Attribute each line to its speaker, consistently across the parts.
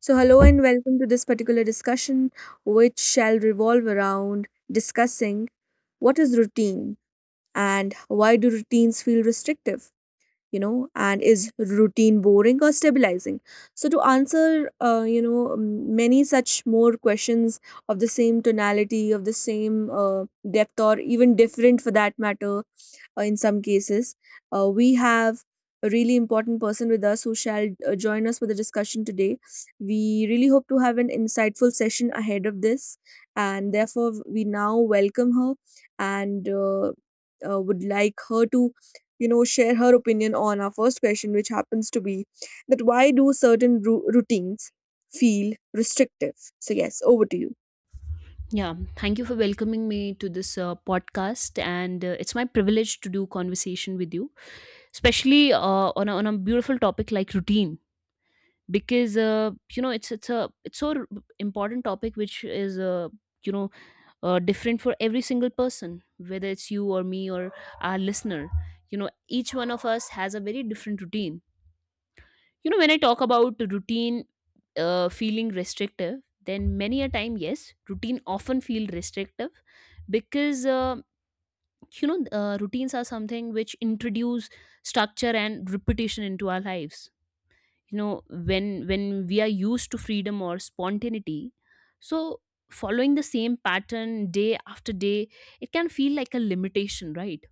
Speaker 1: So, hello and welcome to this particular discussion, which shall revolve around discussing what is routine and why do routines feel restrictive, and is routine boring or stabilizing. So, to answer many such more questions of the same tonality, of the same depth, or even different for that matter, in some cases, we have a really important person with us who shall join us for the discussion today. We really hope to have an insightful session ahead of this, and therefore we now welcome her, and would like her to share her opinion on our first question, which happens to be that why do certain routines feel restrictive? So, yes, over to you.
Speaker 2: Yeah, thank you for welcoming me to this podcast, and it's my privilege to do conversation with you, especially on a beautiful topic like routine, because you know it's a it's so r- important topic which is you know different for every single person, whether it's you or me or our listener. You know, each one of us has a very different routine. You know, when I talk about routine feeling restrictive, then many a time, yes, routine often feel restrictive because routines are something which introduce structure and repetition into our lives. You know, when we are used to freedom or spontaneity, so following the same pattern day after day, it can feel like a limitation, right?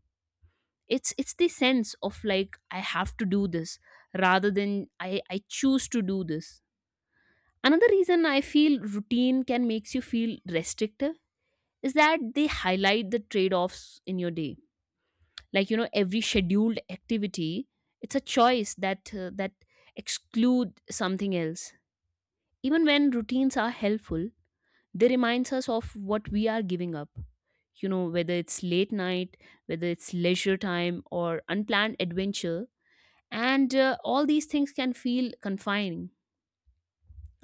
Speaker 2: It's the sense of like I have to do this rather than I choose to do this. Another reason I feel routine can makes you feel restrictive is that they highlight the trade-offs in your day. Like you know, every scheduled activity, it's a choice that that exclude something else. Even when routines are helpful, they reminds us of what we are giving up. You know, whether it's late night, whether it's leisure time or unplanned adventure, and all these things can feel confining.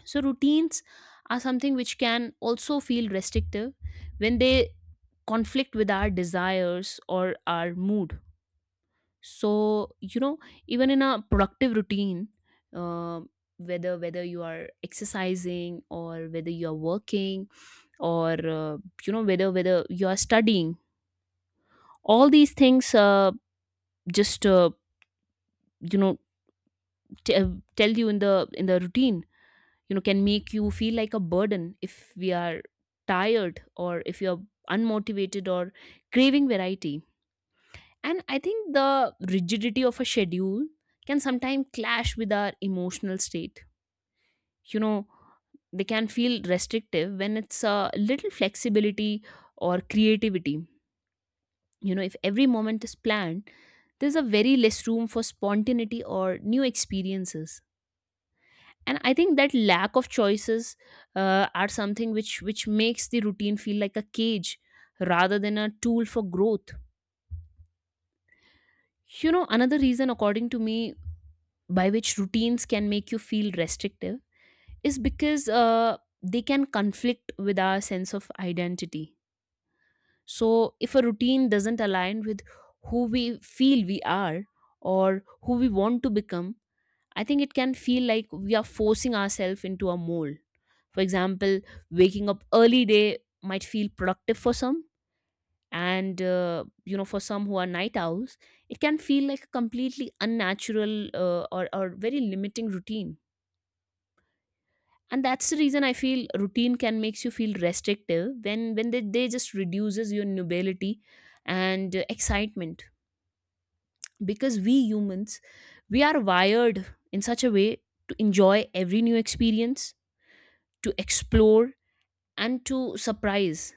Speaker 2: So routines are something which can also feel restrictive when they conflict with our desires or our mood. So you know, even in a productive routine, uh, whether you are exercising or whether you are working or whether you are studying, all these things just you know t- tell you in the routine, you know, can make you feel like a burden if we are tired or if you're unmotivated or craving variety. And I think the rigidity of a schedule can sometimes clash with our emotional state. You know, they can feel restrictive when it's a little flexibility or creativity. You know, if every moment is planned, there's a very less room for spontaneity or new experiences. And I think that lack of choices are something which makes the routine feel like a cage rather than a tool for growth. You know, another reason according to me by which routines can make you feel restrictive is because they can conflict with our sense of identity. So if a routine doesn't align with who we feel we are or who we want to become, I think it can feel like we are forcing ourselves into a mold. For example, waking up early day might feel productive for some, and you know, for some who are night owls, it can feel like a completely unnatural or very limiting routine. And that's the reason I feel routine can makes you feel restrictive when they just reduces your nobility and excitement, because we humans, we are wired in such a way to enjoy every new experience, to explore, and to surprise.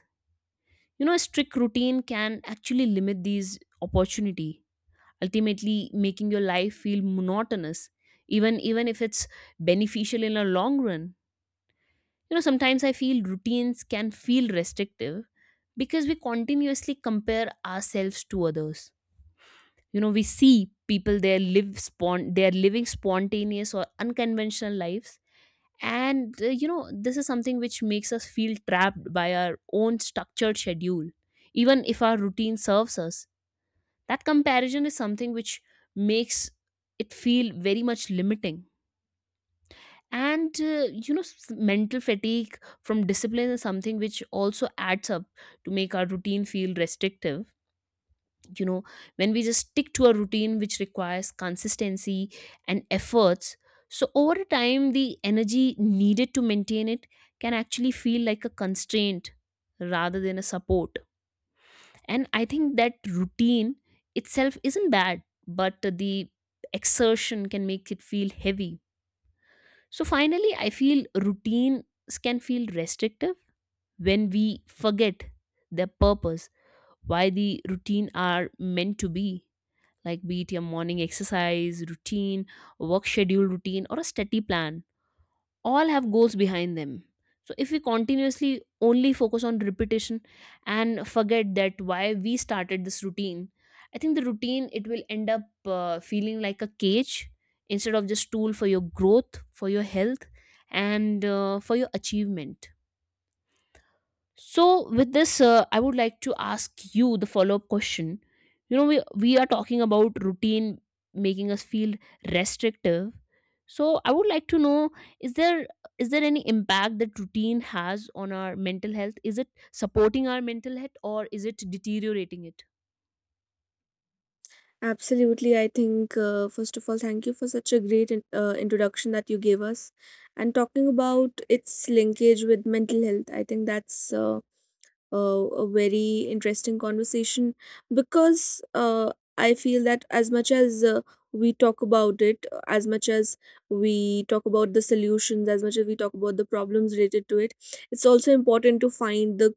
Speaker 2: You know, a strict routine can actually limit these opportunity, ultimately making your life feel monotonous, even if it's beneficial in a long run. You know, sometimes I feel routines can feel restrictive because we continuously compare ourselves to others. You know, we see people they they are living spontaneous or unconventional lives, and you know, this is something which makes us feel trapped by our own structured schedule. Even if our routine serves us, that comparison is something which makes it feel very much limiting. And mental fatigue from discipline is something which also adds up to make our routine feel restrictive. You know, when we just stick to a routine which requires consistency and efforts, so over time the energy needed to maintain it can actually feel like a constraint rather than a support. And I think that routine itself isn't bad, but the exertion can make it feel heavy. So finally, I feel routines can feel restrictive when we forget their purpose, why the routine are meant to be. Like, be it your morning exercise routine, work schedule routine, or a study plan, all have goals behind them. So if we continuously only focus on repetition and forget that why we started this routine, I think the routine it will end up feeling like a cage instead of just tool for your growth, for your health, and for your achievement. So, with this, I would like to ask you the follow up question. You know, we are talking about routine making us feel restrictive. So, I would like to know is there is there any impact that routine has on our mental health? Is it supporting our mental health or is it deteriorating it?
Speaker 1: Absolutely. I think, first of all, thank you for such a great introduction that you gave us. And talking about its linkage with mental health, I think that's a very interesting conversation because I feel that as much as we talk about it, as much as we talk about the solutions, as much as we talk about the problems related to it, it's also important to find the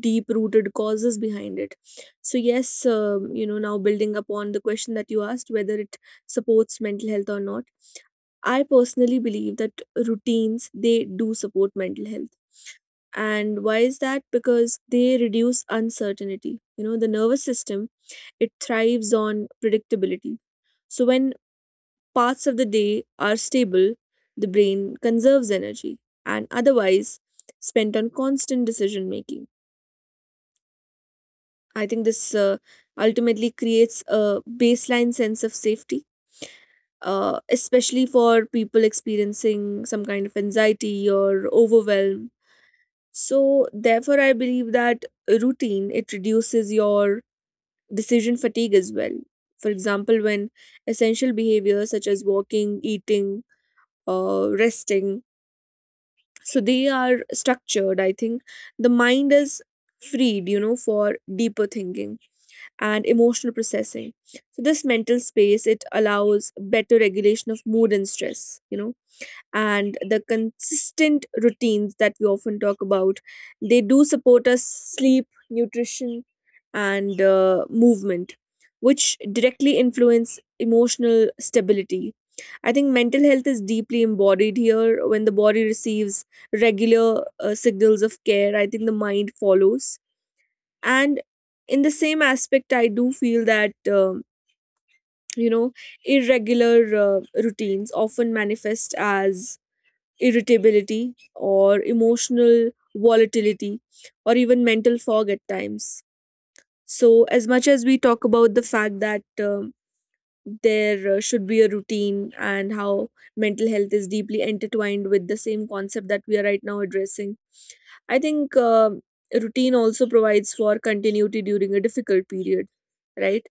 Speaker 1: deep rooted causes behind it. So yes, now building upon the question that you asked, whether it supports mental health or not, I personally believe that routines they do support mental health. And why is that? Because they reduce uncertainty. The nervous system it thrives on predictability. So when parts of the day are stable, the brain conserves energy and otherwise spent on constant decision making. I think this ultimately creates a baseline sense of safety, especially for people experiencing some kind of anxiety or overwhelm. So, therefore, I believe that routine it reduces your decision fatigue as well. For example, when essential behaviors such as walking, eating, resting, so they are structured. I think the mind is freed, for deeper thinking and emotional processing. So this mental space it allows better regulation of mood and stress. And the consistent routines that we often talk about, they do support us sleep, nutrition, and movement, which directly influence emotional stability. I think mental health is deeply embodied here. When the body receives regular signals of care, I think the mind follows. And in the same aspect I do feel that you know irregular routines often manifest as irritability or emotional volatility or even mental fog at times. So as much as we talk about the fact that there should be a routine and how mental health is deeply intertwined with the same concept that we are right now addressing. I think routine also provides for continuity during a difficult period, right?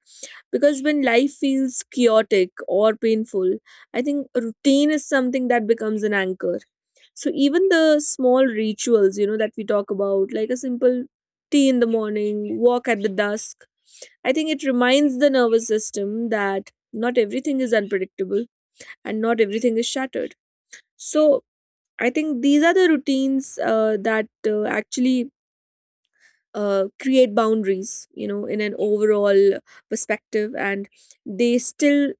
Speaker 1: Because when life feels chaotic or painful, I think routine is something that becomes an anchor. So even the small rituals, that we talk about, like a simple tea in the morning, walk at the dusk, I think it reminds the nervous system that not everything is unpredictable and not everything is shattered. So I think these are the routines that actually create boundaries, in an overall perspective, and they still,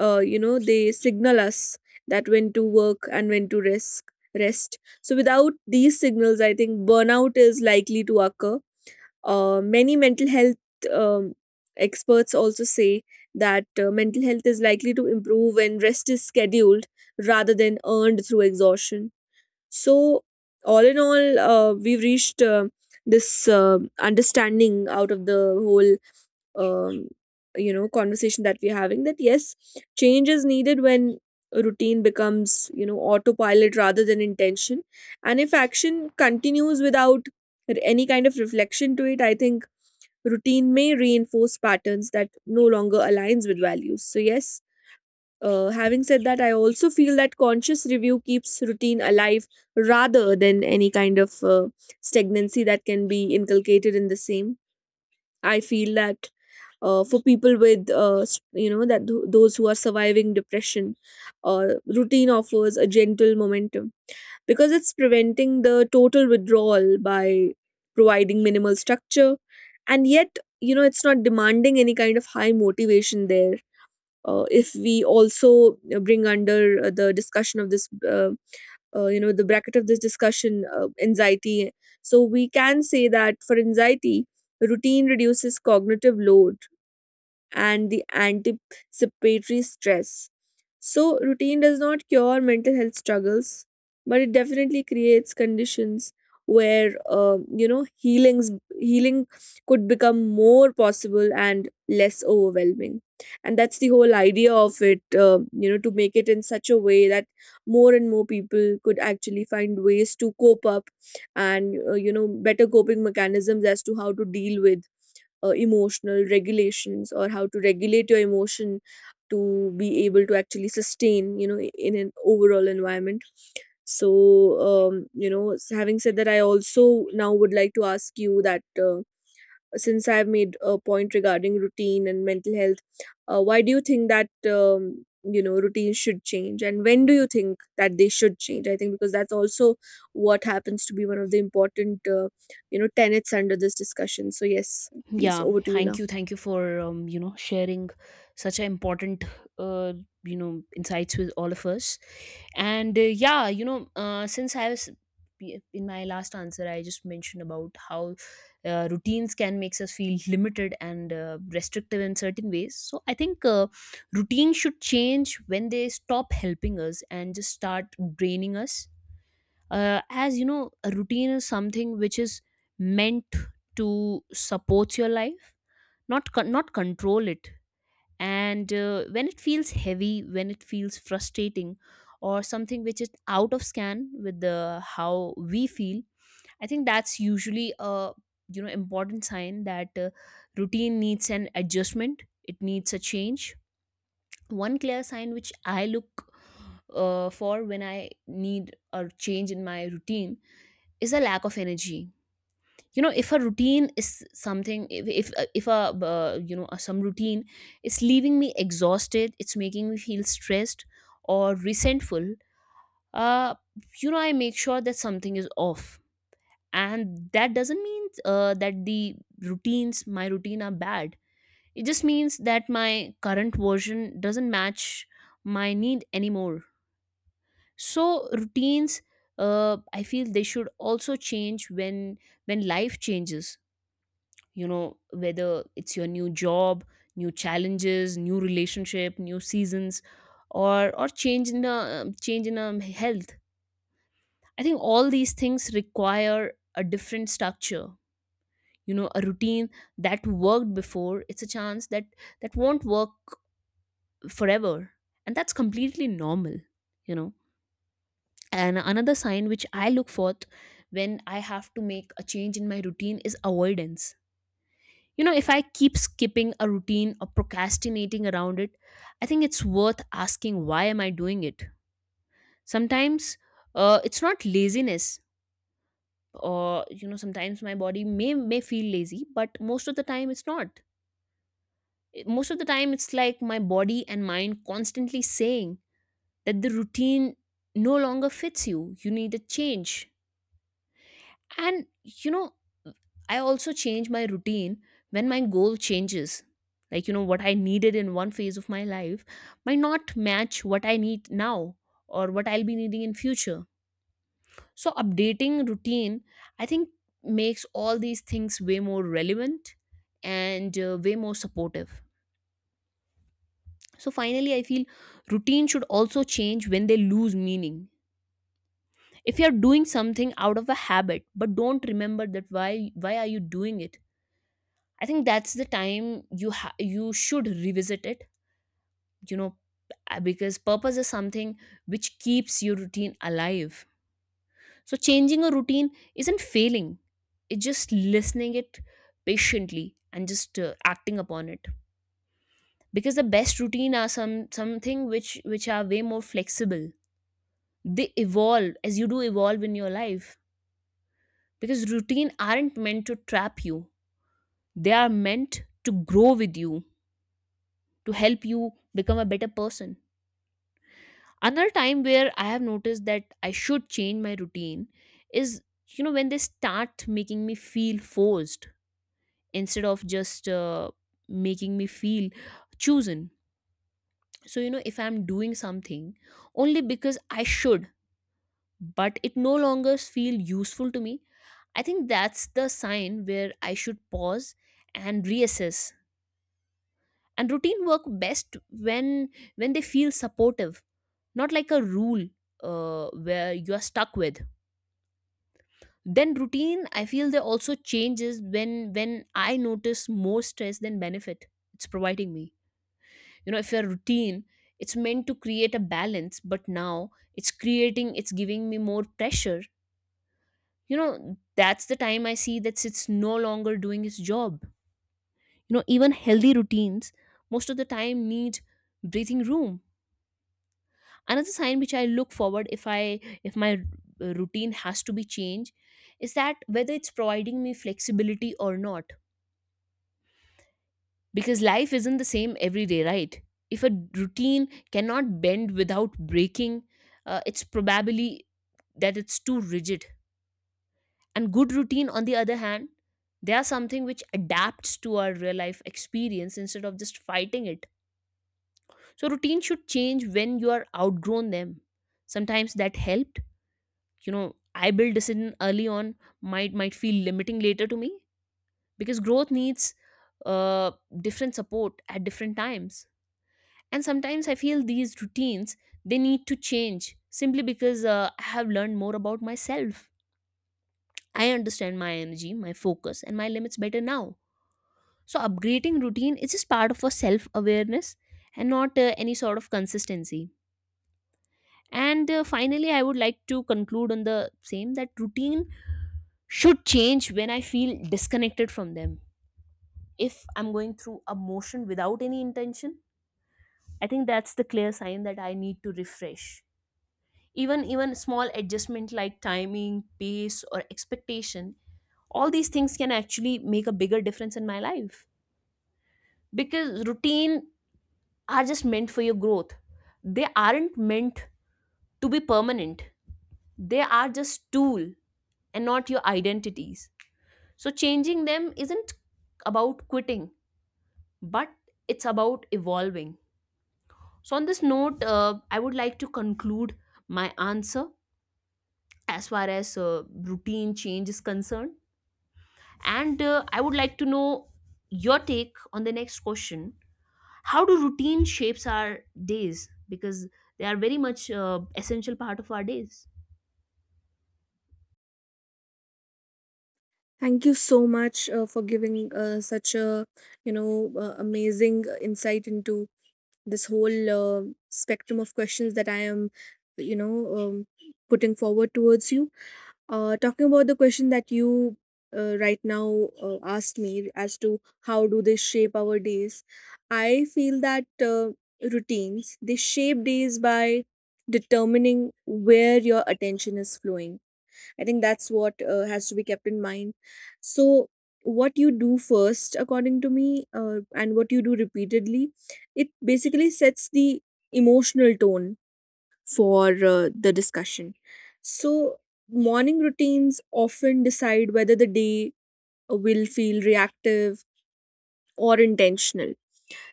Speaker 1: they signal us that when to work and when to risk rest. So without these signals, I think burnout is likely to occur. Many mental health um, experts also say that mental health is likely to improve when rest is scheduled rather than earned through exhaustion. So, all in all, we've reached this understanding out of the whole Um, conversation that we're having, that yes, change is needed when routine becomes, autopilot rather than intention. And if action continues without any kind of reflection to it, I think routine may reinforce patterns that no longer aligns with values. So yes, having said that, I also feel that conscious review keeps routine alive rather than any kind of stagnancy that can be inculcated in the same. I feel that for people with that those who are surviving depression, routine offers a gentle momentum because it's preventing the total withdrawal by providing minimal structure, and yet it's not demanding any kind of high motivation there. If we also bring under the discussion of this the bracket of this discussion, anxiety, so we can say that for anxiety, routine reduces cognitive load and the anticipatory stress. So, routine does not cure mental health struggles, but it definitely creates conditions where healing could become more possible and less overwhelming. And that's the whole idea of it, to make it in such a way that more and more people could actually find ways to cope up, and better coping mechanisms as to how to deal with emotional regulations or how to regulate your emotion to be able to actually sustain in an overall environment. So having said that, I also now would like to ask you that since I've made a point regarding routine and mental health, why do you think that routines should change, and when do you think that they should change? I think because that's also what happens to be one of the important tenets under this discussion. So yes, please
Speaker 2: Yeah,
Speaker 1: over to you
Speaker 2: thank
Speaker 1: now.
Speaker 2: you, for you know, sharing such an important uh, you know, insights with all of us. And yeah, you know, since I was yeah, in my last answer I just mentioned about how routines can makes us feel limited and restrictive in certain ways. So I think routines should change when they stop helping us and just start draining us. As you know, a routine is something which is meant to support your life, not control it. And when it feels heavy, when it feels frustrating, or something which is out of scan with the how we feel, I think that's usually a, you know, important sign that routine needs an adjustment, it needs a change. One clear sign which I look for when I need a change in my routine is a lack of energy. You know, if a routine is something, if a you know some routine is leaving me exhausted, it's making me feel stressed or resentful, uh you know, I make sure that something is off. And that doesn't mean that the routines my routine are bad. It just means that my current version doesn't match my need anymore. So routines, I feel they should also change when life changes. You know, whether it's your new job, new challenges, new relationship, new seasons, or change in a, change in a health, I think all these things require a different structure. You know, a routine that worked before, it's a chance that won't work forever, and that's completely normal. You know, and another sign which I look for when I have to make a change in my routine is avoidance. You know, if I keep skipping a routine or procrastinating around it, I think it's worth asking, why am I doing it? Sometimes it's not laziness, or you know, sometimes my body may feel lazy, but most of the time it's not. Most of the time it's like my body and mind constantly saying that the routine no longer fits you. You need a change. And you know, I also change my routine when my goal changes. Like, you know, what I needed in one phase of my life might not match what I need now or what I'll be needing in future. So updating routine, I think makes all these things way more relevant and way more supportive. So finally, I feel routine should also change when they lose meaning. If you're doing something out of a habit, but don't remember that why are you doing it? I think that's the time you should revisit it. You know, because purpose is something which keeps your routine alive. So changing a routine isn't failing; it's just listening it patiently and just acting upon it. Because the best routine are something which are way more flexible. They evolve as you do evolve in your life. Because routine aren't meant to trap you; they are meant to grow with you, to help you become a better person. Another time where I have noticed that I should change my routine is, you know, when they start making me feel forced instead of just making me feel chosen. So you know, if I'm doing something only because I should, but it no longer feel useful to me, I think that's the sign where I should pause and reassess. And routine work best when when they feel supportive, not like a rule where you are stuck with. Then routine, I feel, there also changes when I notice more stress than benefit it's providing me. You know, if your routine, it's meant to create a balance, but now it's creating, it's giving me more pressure. You know, that's the time I see that it's no longer doing its job. You know, even healthy routines most of the time need breathing room. Another sign which I look forward, if I if my routine has to be changed, is that whether it's providing me flexibility or not. Because life isn't the same every day, right? If a routine cannot bend without breaking, it's probably that it's too rigid. And good routine, on the other hand, they are something which adapts to our real life experience instead of just fighting it. So routine should change when you are outgrown them. Sometimes that helped, you know, I build decision early on might feel limiting later to me, because growth needs uh, different support at different times. And sometimes I feel these routines, they need to change simply because I have learned more about myself. I understand my energy, my focus and my limits better now. So upgrading routine is just part of a self awareness and not any sort of consistency. And finally, I would like to conclude on the same, that routine should change when I feel disconnected from them. If I'm going through a motion without any intention, I think that's the clear sign that I need to refresh. Even small adjustment like timing, pace or expectation, all these things can actually make a bigger difference in my life. Because routine are just meant for your growth, they aren't meant to be permanent. They are just tool and not your identities. So changing them isn't about quitting, but it's about evolving. So on this note, I would like to conclude my answer as far as routine change is concerned. And I would like to know your take on the next question. How do routine shapes our days? Because they are very much essential part of our days.
Speaker 1: Thank you so much for giving such a amazing insight into this whole spectrum of questions that I am you know um, putting forward towards you. Talking about the question that you right now asked me as to how do they shape our days, I feel that routines they shape days by determining where your attention is flowing. I think that's what has to be kept in mind. So what you do first, according to me, and what you do repeatedly, it basically sets the emotional tone for the discussion. So, morning routines often decide whether the day will feel reactive or intentional.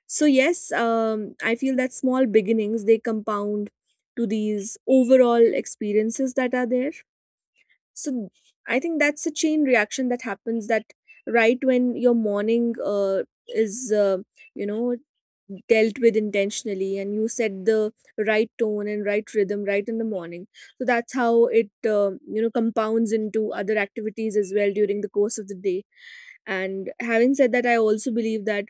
Speaker 1: So, yes, I feel that small beginnings they compound to these overall experiences that are there. So, I think that's a chain reaction that happens, that right when your morning is you know dealt with intentionally and you set the right tone and right rhythm right in the morning, so that's how it compounds into other activities as well during the course of the day. And having said that, I also believe that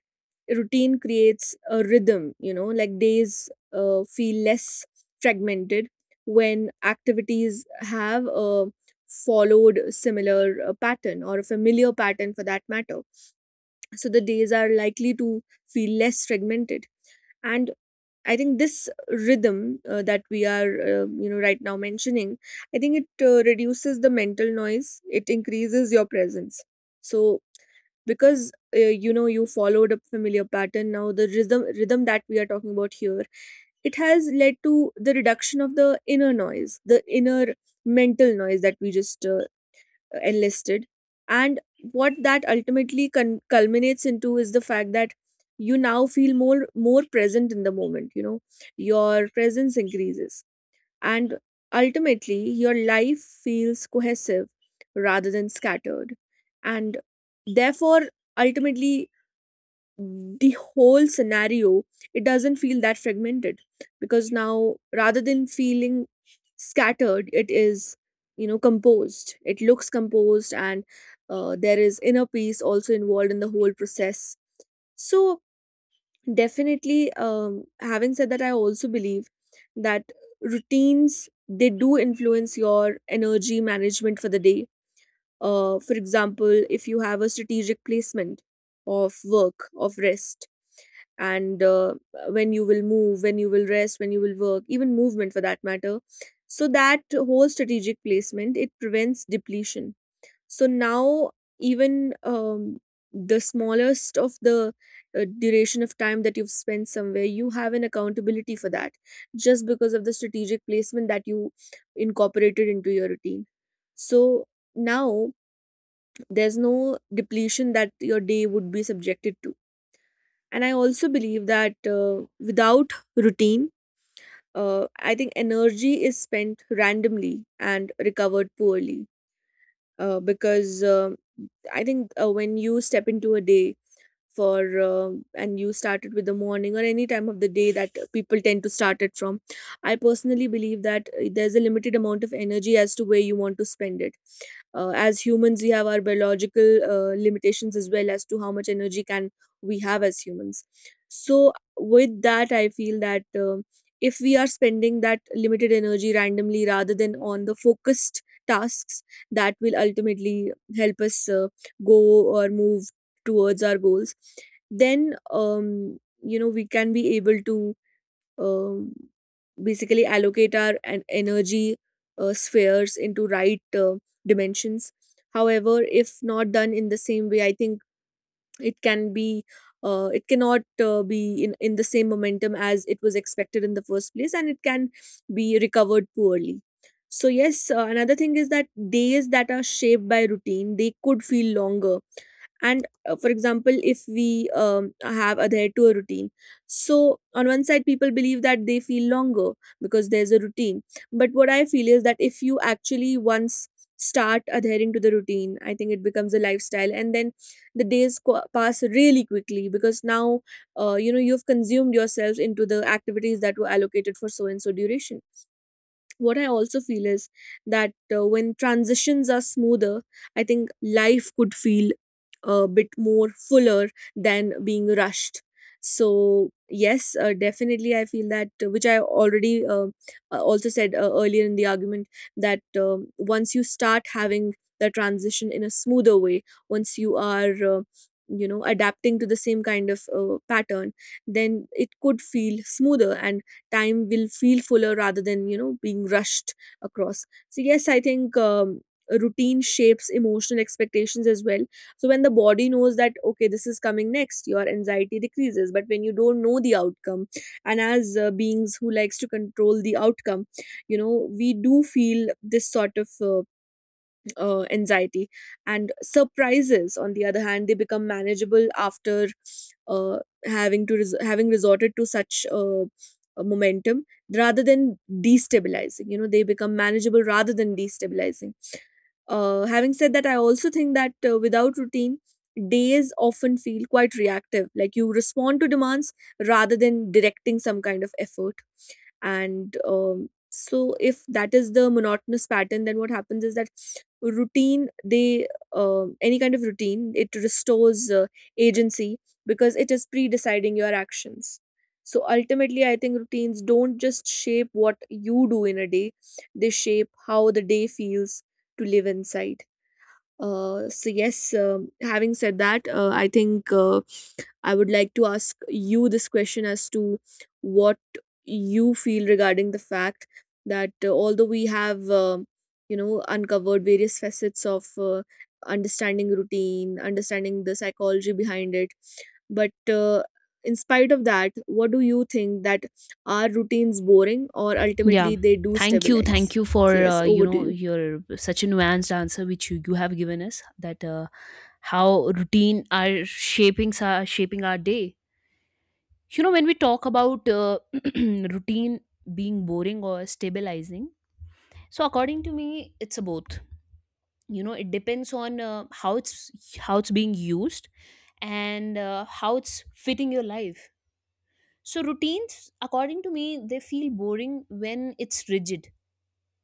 Speaker 1: routine creates a rhythm, like days feel less fragmented when activities have a followed similar pattern or a familiar pattern for that matter. So the days are likely to feel less fragmented. And I think this rhythm that we are, right now mentioning, I think it reduces the mental noise. It increases your presence. So because you followed a familiar pattern, now the rhythm that we are talking about here, it has led to the reduction of the inner noise, the inner mental noise that we just enlisted. And what that ultimately culminates into is the fact that you now feel more present in the moment, your presence increases, and ultimately your life feels cohesive rather than scattered. And therefore, ultimately, the whole scenario it doesn't feel that fragmented because now, rather than feeling scattered, it is, composed. It looks composed, and there is inner peace also involved in the whole process. So definitely, having said that, I also believe that routines they do influence your energy management for the day. For example, if you have a strategic placement of work, of rest, and when you will move, when you will rest, when you will work, even movement for that matter. So that whole strategic placement it prevents depletion. So now, even the smallest of the duration of time that you've spent somewhere, you have an accountability for that, just because of the strategic placement that you incorporated into your routine. So now there's no depletion that your day would be subjected to. And I also believe that without routine, I think energy is spent randomly and recovered poorly. Because I think when you step into a day for and you started with the morning or any time of the day that people tend to start it from, I personally believe that there's a limited amount of energy as to where you want to spend it. As humans, we have our biological limitations, as well as to how much energy can we have as humans. So with that, I feel that if we are spending that limited energy randomly rather than on the focused tasks that will ultimately help us go or move towards our goals, then you know, we can be able to um, basically allocate our energy spheres into right dimensions. However, if not done in the same way, I think it can be, it cannot be in the same momentum as it was expected in the first place, and it can be recovered poorly. So yes, another thing is that days that are shaped by routine, they could feel longer. And for example, if we have adhered to a routine, so on one side people believe that they feel longer because there's a routine, but what I feel is that if you actually once start adhering to the routine, I think it becomes a lifestyle, and then the pass really quickly, because now you know, you've consumed yourselves into the activities that were allocated for so and so duration. What I also feel is that when transitions are smoother, I think life could feel a bit more fuller than being rushed. So, yes, definitely, I feel that, which I already also said earlier in the argument, that once you start having the transition in a smoother way, once you are, you know, adapting to the same kind of pattern, then it could feel smoother, and time will feel fuller rather than, you know, being rushed across. So yes, I think routine shapes emotional expectations as well. So when the body knows that, okay, this is coming next, your anxiety decreases. But when you don't know the outcome, and as beings who likes to control the outcome, you know, we do feel this sort of anxiety. And surprises, on the other hand, they become manageable after uh, having resorted to such a momentum. Rather than destabilizing, you know, they become manageable rather than destabilizing. Having said that, I also think that without routine, days often feel quite reactive, like you respond to demands rather than directing some kind of effort. And so if that is the monotonous pattern, then what happens is that routine they any kind of routine, it restores agency, because it is pre-deciding your actions. So ultimately, I think routines don't just shape what you do in a day, they shape how the day feels to live inside. So yes, having said that, I think I would like to ask you this question as to what you feel regarding the fact that although we have, you know, uncovered various facets of understanding routine, understanding the psychology behind it, but in spite of that, what do you think? That are routines boring, or
Speaker 2: Yeah.
Speaker 1: ultimately they do
Speaker 2: Thank you.
Speaker 1: stabilize?
Speaker 2: Thank you
Speaker 1: So
Speaker 2: for,
Speaker 1: yes,
Speaker 2: you
Speaker 1: over
Speaker 2: know,
Speaker 1: to you.
Speaker 2: your such a nuanced answer which you have given us, that how routine are shaping, shaping our day. You know, when we talk about routine being boring or stabilizing, so according to me, it's a both. You know, it depends on uh, how it's being used and how it's fitting your life. So routines, according to me, they feel boring when it's rigid,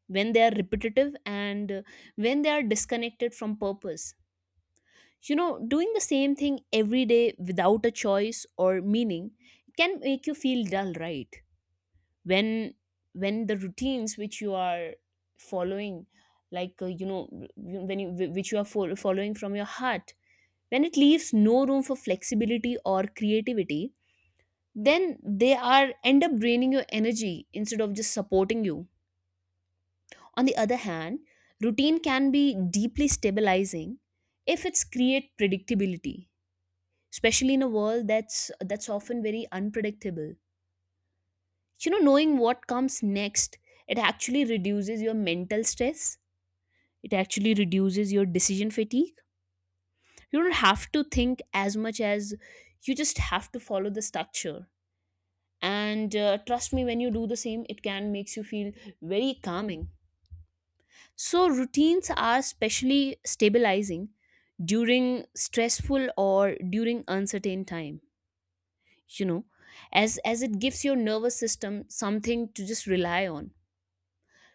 Speaker 2: when they are repetitive and when they are disconnected from purpose. You know, doing the same thing every day without a choice or meaning can make you feel dull, right? When when the routines which you are following, like you know, when you, which you are following from your heart, when it leaves no room for flexibility or creativity, then they are end up draining your energy instead of just supporting you. On the other hand, routine can be deeply stabilizing if it's create predictability, especially in a world that's often very unpredictable. You know, knowing what comes next, it actually reduces your mental stress, it actually reduces your decision fatigue. You don't have to think as much as you just have to follow the structure. And trust me, when you do the same, it can makes you feel very calming. So routines are especially stabilizing during stressful or during uncertain time, you know, as it gives your nervous system something to just rely on.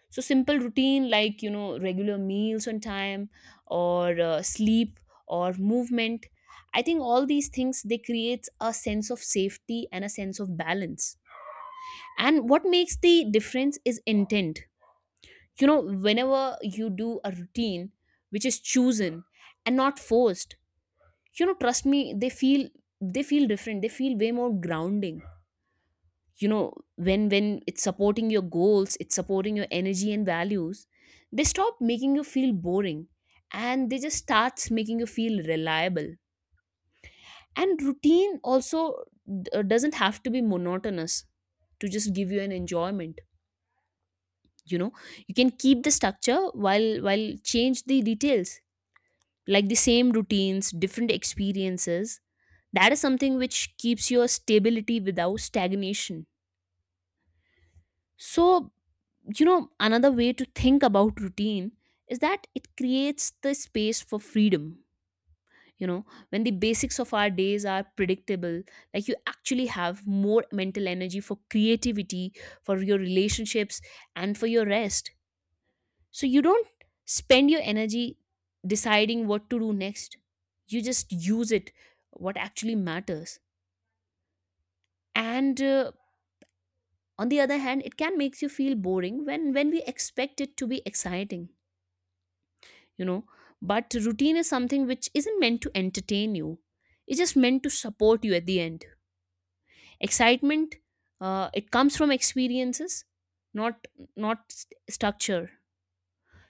Speaker 2: So simple routine, like you know, regular meals on time or sleep or movement, I think all these things, they creates a sense of safety and a sense of balance. And what makes the difference is intent. You know, whenever you do a routine which is chosen and not forced, you know, trust me, they feel, they feel different, they feel way more grounding. You know, when it's supporting your goals, it's supporting your energy and values, they stop making you feel boring and they just starts making you feel reliable. And routine also doesn't have to be monotonous to just give you an enjoyment. You know, you can keep the structure while change the details, like the same routines, different experiences. That is something which keeps your stability without stagnation. So you know, another way to think about routine is that it creates the space for freedom. You know, when the basics of our days are predictable, like you actually have more mental energy for creativity, for your relationships and for your rest. So you don't spend your energy deciding what to do next. You just use it, what actually matters. And on the other hand, it can make you feel boring when we expect it to be exciting, you know. But routine is something which isn't meant to entertain you, it's just meant to support you at the end. Excitement, it comes from experiences, not, not structure.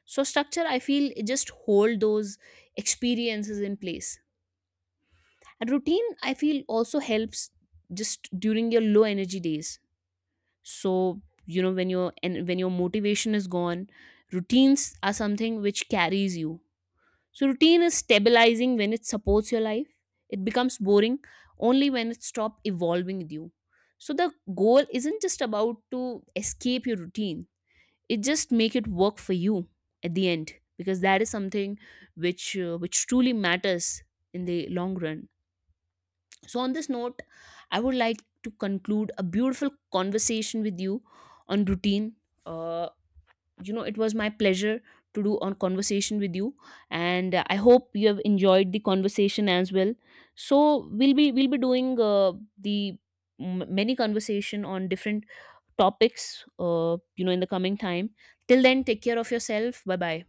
Speaker 2: So, structure, I feel, it just hold those experiences in place. And routine, I feel, also helps just during your low energy days. So you know, when your, and when your motivation is gone, routines are something which carries you. So routine is stabilizing when it supports your life. It becomes boring only when it stops evolving with you. So the goal isn't just about to escape your routine. It just make it work for you at the end, because that is something which truly matters in the long run. So, on this note, I would like to conclude a beautiful conversation with you on routine. Uh, you know, it was my pleasure to do on conversation with you, and I hope you have enjoyed the conversation as well. So, we'll be doing the many conversation on different topics. You know, in the coming time. Till then, take care of yourself. Bye bye.